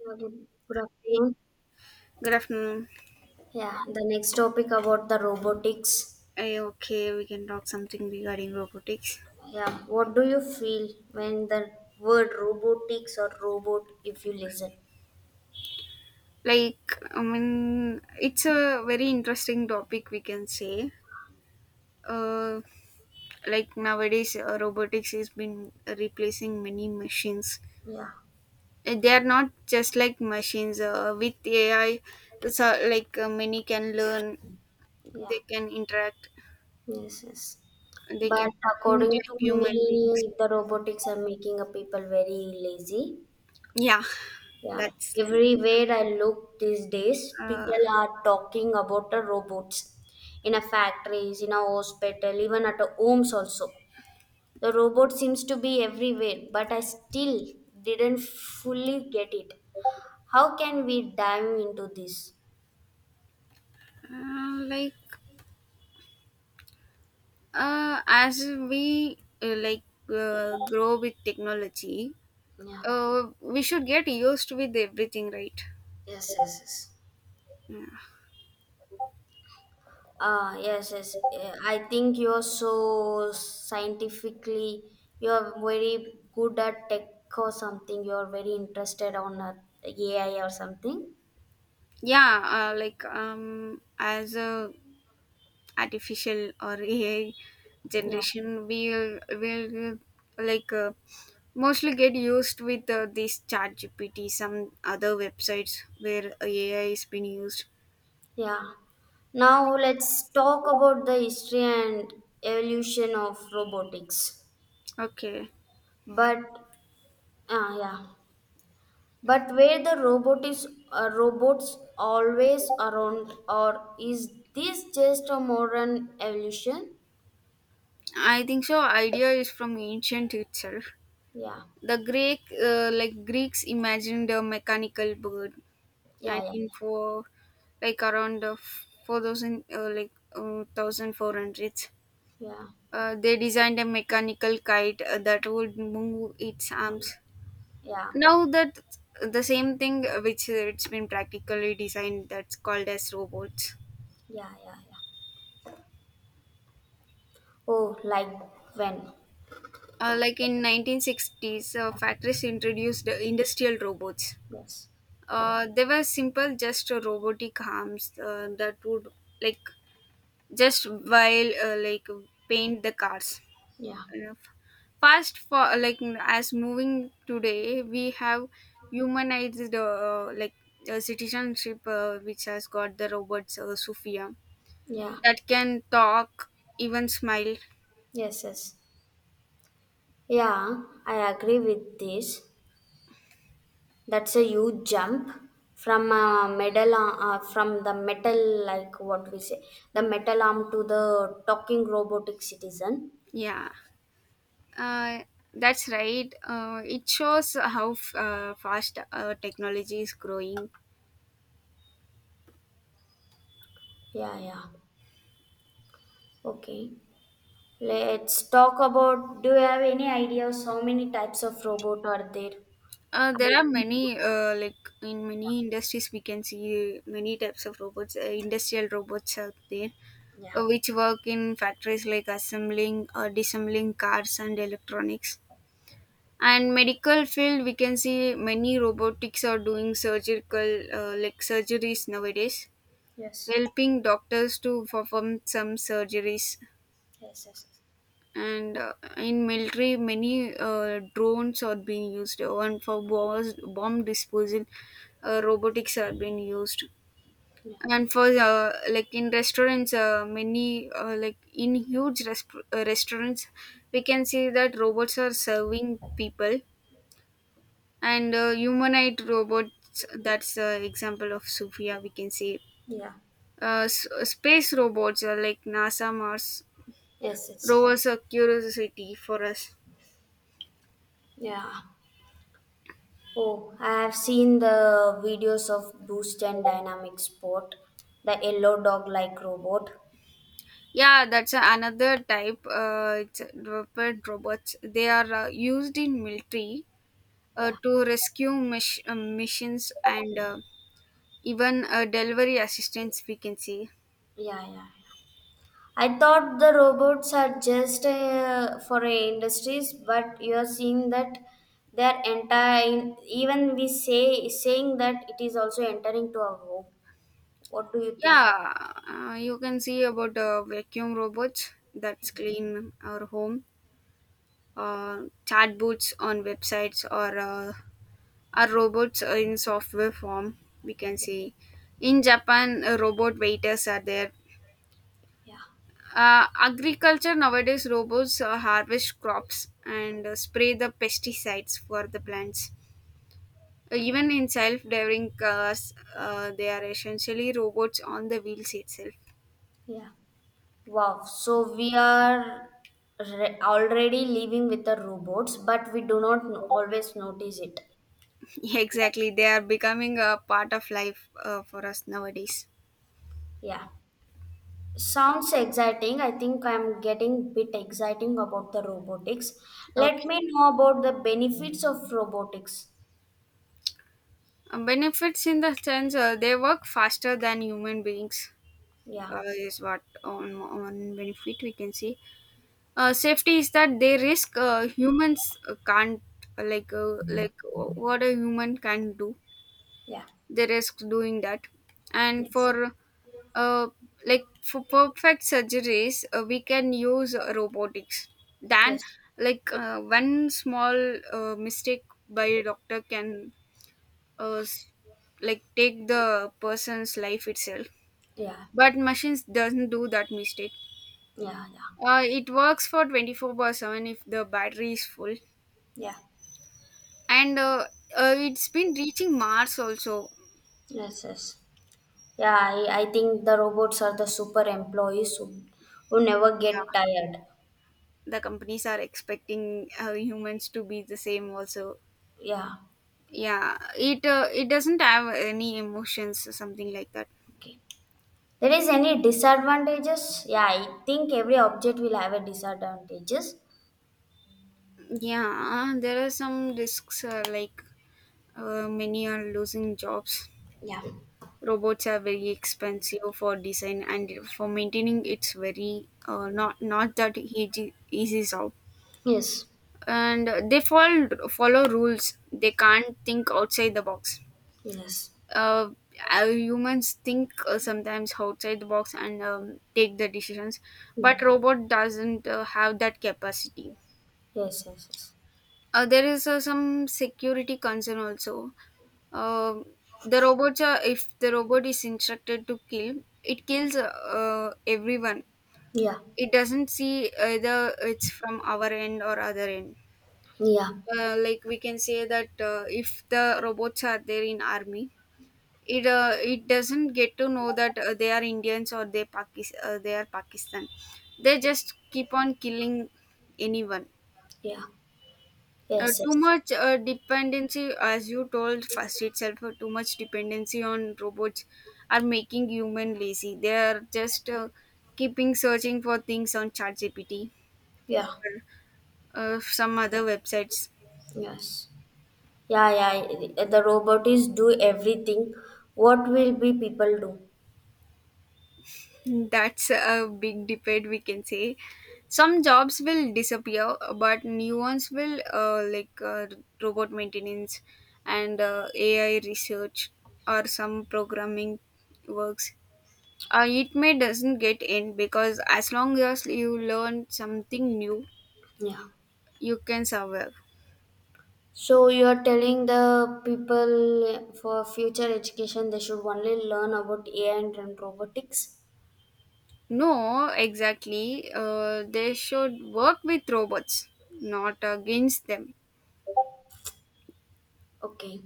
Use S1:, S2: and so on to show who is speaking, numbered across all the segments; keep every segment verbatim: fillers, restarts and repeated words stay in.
S1: Yeah, good, good
S2: Hey,
S1: afternoon.
S2: good afternoon.
S1: Yeah, the next topic about the robotics.
S2: Are okay? We can talk something regarding robotics.
S1: Yeah, what do you feel when the word robotics or robot, if you listen?
S2: Like, I mean, it's a very interesting topic, we can say. Uh, like, nowadays, uh, robotics has been replacing many machines.
S1: Yeah,
S2: Uh, They are not just like machines. Uh, with A I, so, like, uh, many can learn,
S1: yeah,
S2: they can interact,
S1: yes, yes.
S2: they can
S1: But
S2: think
S1: according
S2: like
S1: to
S2: human beings.
S1: me, the robotics are making a people very lazy.
S2: Yeah,
S1: Yeah,
S2: that's.
S1: everywhere I look these days,
S2: Uh,
S1: people are talking about the robots in a factories, in a hospital, even at a homes also. The robot seems to be everywhere, but I still didn't fully get it. How can we dive into this?
S2: uh, like uh, as we uh, like uh, grow with technology,
S1: Yeah.
S2: uh, we should get used with everything, right?
S1: Yes, yes, yes.
S2: Yeah,
S1: Ah, yes, yes. Eh, I think you're so scientifically, you're very good at tech or something. You're very interested on uh, A I or something.
S2: yeah. Uh, like um as a artificial or A I
S1: Yeah,
S2: generation, we'll will like uh, mostly get used with uh, this chat G P T, some other websites where A I is being used.
S1: yeah. Now let's talk about the history and evolution of robotics.
S2: Okay.
S1: But, ah, yeah. But where the robot is uh, robots always around, or is this just a modern evolution?
S2: I think so idea is from ancient itself.
S1: Yeah,
S2: The Greek, uh, like Greeks, imagined a mechanical bird, and
S1: yeah, yeah,
S2: in for like around uh, four thousand, uh, like uh, one thousand four hundred,
S1: yeah, yeah.
S2: uh, they designed a mechanical kite uh, that would move its
S1: Mm.
S2: arms.
S1: Yeah,
S2: Now that the same thing, uh, which it's been practically designed, that's called as robots.
S1: yeah, yeah, yeah. Oh, like when?
S2: Uh, like in nineteen sixties, uh, factories introduced uh, industrial robots.
S1: Yes,
S2: Uh, they were simple, just uh, robotic arms uh, that would like just while uh, like paint the cars.
S1: yeah,
S2: Uh, Fast for like as moving today we have humanized, uh, like uh, citizenship uh, which has got the robots, uh, Sophia,
S1: yeah,
S2: that can talk, even smile.
S1: yes, yes. Yeah, I agree with this. That's a huge jump from a metal uh, from the metal like what we say the metal arm to the talking robotic citizen.
S2: yeah uh, that's right. Uh, it shows how f- uh, fast uh, technology is growing.
S1: Yeah, yeah. Okay. Let's talk about, do you have any ideas how many types of robot are there?
S2: Uh,
S1: Are
S2: there are
S1: exist
S2: many,
S1: today?
S2: uh, like in many industries, we can see many types of robots. Uh, industrial robots out there,
S1: Yeah.
S2: uh, which work in factories like assembling or disassembling cars and electronics. And medical field, we can see many robotics are doing surgical, uh, like, surgeries nowadays,
S1: Yes.
S2: helping doctors to perform some surgeries.
S1: Yes, yes, yes.
S2: And uh, in military, many uh, drones are being used, and for bombs, bomb disposal, uh, robotics are being used.
S1: Yeah.
S2: And for uh, like in restaurants, uh, many, uh, like in huge rest- uh, restaurants, we can see that robots are serving people. And uh, humanoid robots, that's an example of Sophia, we can say.
S1: Yeah.
S2: Uh, s- space robots are like NASA Mars
S1: Yes, it's,
S2: rovers, are curiosity for us.
S1: yeah. Oh, I have seen the videos of Boost and Dynamic Sport, the yellow dog like robot.
S2: Yeah, that's another type. Uh, it's dropped robots. They are uh, used in military uh,
S1: Yeah.
S2: to rescue mis- uh, missions, and uh, even uh, delivery assistance. We can see.
S1: Yeah, yeah. I thought the robots are just uh, for uh, industries, but you are seeing that they are entire. Even we say saying that it is also entering to our home. What do you think?
S2: Yeah, uh, you can see about uh, vacuum robots that clean our home, uh, chatbots on websites, or uh, are robots in software form. We can see in Japan, uh, robot waiters are there.
S1: Yeah,
S2: Uh, agriculture nowadays, robots uh, harvest crops and uh, spray the pesticides for the plants. Uh, even in self-driving cars, uh, they are essentially robots on the wheels itself.
S1: yeah. Wow. So we are re- already living with the robots, but we do not n- always notice it.
S2: Exactly, they are becoming a part of life uh, for us nowadays.
S1: Yeah. Sounds exciting. I think I'm getting bit exciting about the robotics. Let
S2: Okay.
S1: me know about the benefits of robotics.
S2: Uh, benefits in the sense, uh, they work faster than human beings,
S1: Yeah,
S2: uh, is what on one benefit we can see. Uh, safety is that they risk, uh, humans uh, can't uh, like uh, like uh, what a human can do.
S1: yeah,
S2: They risk doing that, and
S1: yes,
S2: for uh, like for perfect surgeries, uh, we can use robotics. Then,
S1: yes,
S2: like uh, one small uh, mistake by a doctor can uh, s- like take the person's life itself.
S1: yeah,
S2: But machines doesn't do that mistake.
S1: yeah, yeah,
S2: Uh, it works for twenty four by seven if the battery is full,
S1: yeah,
S2: and uh, uh, it's been reaching Mars also.
S1: yes, yes. Yeah, I, I think the robots are the super employees who, who never get
S2: Yeah,
S1: tired.
S2: the companies are expecting uh, humans to be the same also.
S1: Yeah,
S2: Yeah, it uh, it doesn't have any emotions or something like that.
S1: okay. There is any disadvantages? Yeah, I think every object will have a disadvantages.
S2: Yeah, there are some risks, uh, like, uh, many are losing jobs.
S1: Yeah,
S2: Robots are very expensive for design and for maintaining. It's very uh, not not that easy easy job,
S1: yes,
S2: and they follow follow rules. They can't think outside the box.
S1: yes,
S2: uh, uh, Humans think, uh, sometimes outside the box, and um, take the decisions,
S1: yeah.
S2: but robot doesn't uh, have that capacity.
S1: Yes, yes, yes.
S2: Uh, there is uh, some security concern also. Um the robots are, if the robot is instructed to kill, it kills, uh, uh, everyone.
S1: Yeah,
S2: It doesn't see either it's from our end or other end.
S1: yeah,
S2: Uh, like we can say that, uh, if the robots are there in army, it uh, it doesn't get to know that uh, they are Indians or they Pakis- uh, they are Pakistan. They just keep on killing anyone.
S1: yeah.
S2: Uh,
S1: Yes,
S2: too
S1: yes.
S2: much uh, dependency, as you told first itself, uh, too much dependency on robots are making human lazy. They are just uh, keeping searching for things on ChatGPT
S1: Yeah,
S2: or uh, some other websites.
S1: yes. Yeah, yeah, yeah. The robot is do everything. What will be people do?
S2: That's a big debate, we can say. Some jobs will disappear, but new ones will, uh, like, uh, robot maintenance and uh, A I research or some programming works. Uh, it may doesn't get end because as long as you learn something new,
S1: Yeah.
S2: you can survive.
S1: So you're telling the people for future education they should only learn about A I and, and robotics.
S2: No, exactly. Uh, they should work with robots, not against them.
S1: Okay.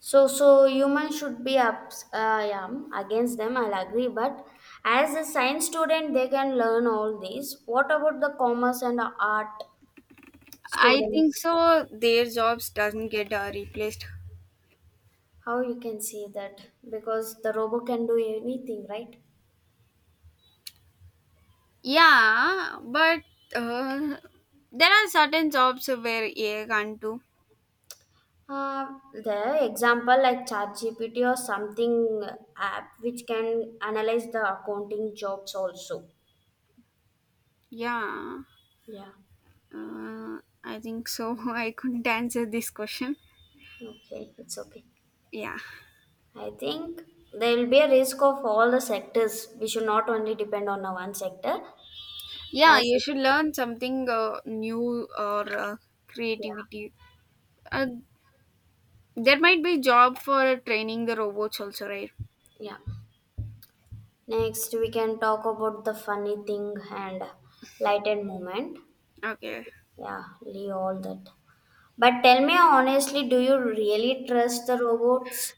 S1: So so humans should be up. Uh, yeah, against them I'll agree. But as a science student, they can learn all these. What about the commerce and art
S2: I think
S1: students?
S2: so. Their jobs doesn't get uh, replaced.
S1: How you can see that, because the robot can do anything, right?
S2: Yeah, but uh, there are certain jobs where A I can't do.
S1: uh, the example like ChatGPT or something app which can analyze the accounting jobs also,
S2: Yeah,
S1: yeah.
S2: uh, I think so. I couldn't answer this question.
S1: Okay, it's okay.
S2: Yeah,
S1: I think there will be a risk of all the sectors, we should not only depend on a one sector,
S2: yeah,
S1: as
S2: you
S1: you
S2: should
S1: know.
S2: learn something uh, new or uh,
S1: Yeah,
S2: creativity. Uh, there might be job for training the robots also, right?
S1: yeah, next we can talk about the funny thing and lighted moment.
S2: Okay.
S1: Yeah, leave all that. But tell me honestly, do you really trust the robots?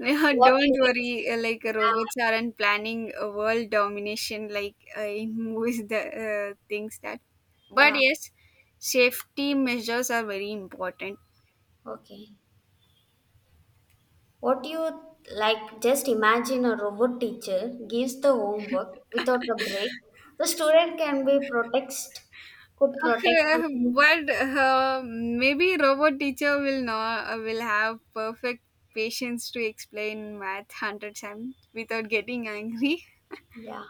S2: Yeah,
S1: What
S2: don't
S1: if it's,
S2: worry. uh, Like uh, robots aren't planning a world domination like uh, in movies. The uh, things that,
S1: yeah,
S2: but
S1: yeah,
S2: yes, safety measures are very important.
S1: okay. What you like, just imagine a robot teacher gives the homework without a break. The student can be protect, could protect
S2: Uh,
S1: from-
S2: but uh, maybe robot teacher will not, uh, will have perfect patience to explain math hundred times without getting angry.
S1: yeah.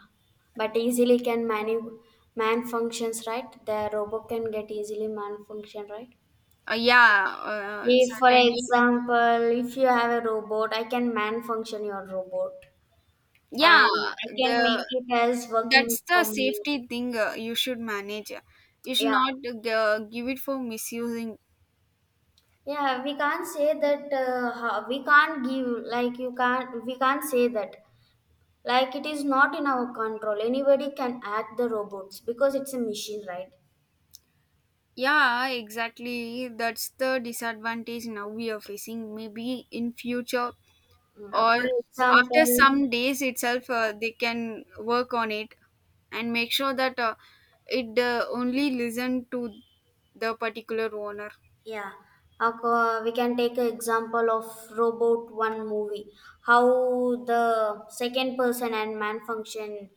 S1: But easily can manu- man functions, right? The robot can get easily man function, right?
S2: Uh, yeah, uh,
S1: If, for
S2: certainly.
S1: example, if you have a robot, I can man function your robot. And
S2: Yeah,
S1: I can make
S2: the
S1: it as working
S2: that's the
S1: for me.
S2: safety thing, uh, you should manage, you should
S1: Yeah,
S2: not uh, give it for misusing.
S1: yeah. We can't say that. Uh, ho- we can't give like you can't. We can't say that. Like, it is not in our control. Anybody can act the robots because it's a machine, right?
S2: Yeah, exactly, that's the disadvantage now we are facing. Maybe in future
S1: Mm,
S2: or
S1: for
S2: after
S1: example,
S2: some days itself, uh, they can work on it and make sure that, uh, it uh, only listen to the particular owner.
S1: yeah, Ako- we can take an example of Robot One movie, how the second person and man function,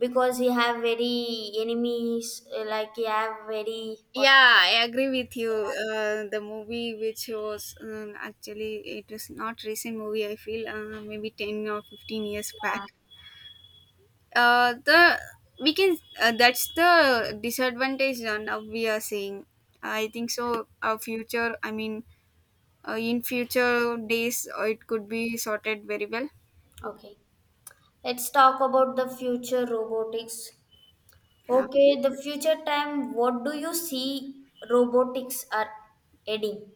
S1: because he have very enemies, uh, like he have very what?
S2: Yeah, I agree with you.
S1: Yeah.
S2: Uh, the movie which was um, actually, it was not recent movie. I feel, uh, maybe ten or fifteen years back. Uh, the we can uh, that's the disadvantage, uh, now we are saying. I think so. Our future, I mean, uh, in future days, uh, it could be sorted very well.
S1: Okay, let's talk about the future robotics.
S2: Uh, fu-
S1: Okay, the future time, what do you see robotics are adding?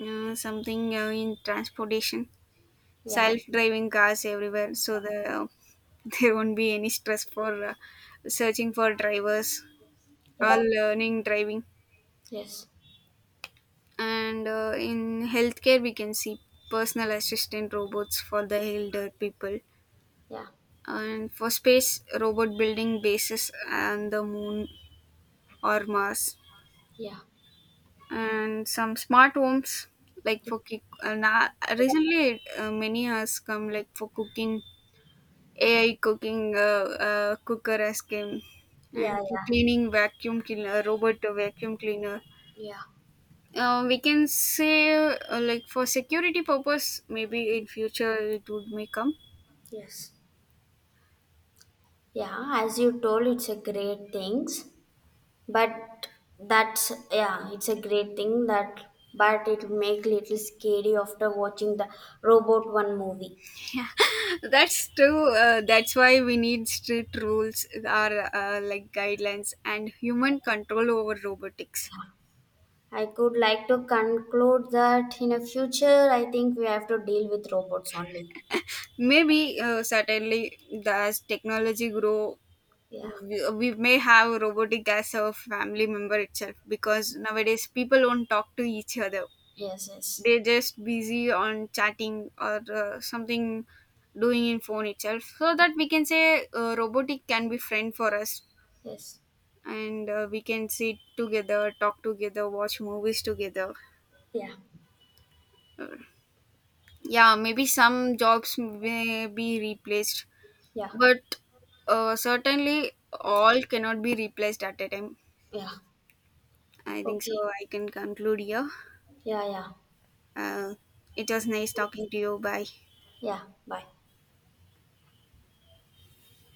S2: uh, Something uh, in transportation.
S1: Yeah,
S2: Self-driving cars everywhere, so the there won't be any stress for uh, searching for drivers or
S1: yeah,
S2: learning driving.
S1: yes,
S2: And uh, in healthcare, we can see personal assistant robots for the elder people.
S1: yeah,
S2: And for space, robot building bases on the moon or Mars.
S1: yeah,
S2: And some smart homes, like for cook. And uh, recently, uh, many has come like for cooking, A I cooking, uh, uh, cooker as came, and
S1: yeah, yeah,
S2: cleaning vacuum cleaner, robot vacuum cleaner.
S1: yeah,
S2: Uh, we can say, uh, like for security purpose, maybe in future it would may come.
S1: yes. Yeah, as you told, it's a great things, but that's, yeah, it's a great thing that, but it make little scary after watching the Robot One movie.
S2: Yeah, that's true. Uh, that's why we need strict rules, or uh, like guidelines, and human control over robotics.
S1: I could like to conclude that in a future, I think we have to deal with robots only.
S2: Maybe uh, certainly, the- as technology grow,
S1: Yeah.
S2: we, we may have robotic as a family member itself, because nowadays people don't talk to each other,
S1: Yes. Yes.
S2: they're just busy on chatting or uh, something, doing in phone itself, so that we can say, uh, robotic can be friend for us,
S1: Yes.
S2: and uh, we can sit together, talk together, watch movies together.
S1: Yeah.
S2: Uh, yeah, maybe some jobs may be replaced,
S1: Yeah.
S2: but uh, certainly all cannot be replaced at a time.
S1: Yeah.
S2: I think
S1: Okay.
S2: so. I can conclude here.
S1: Yeah. Yeah.
S2: Uh, it was nice talking to you. Bye.
S1: Yeah. Bye.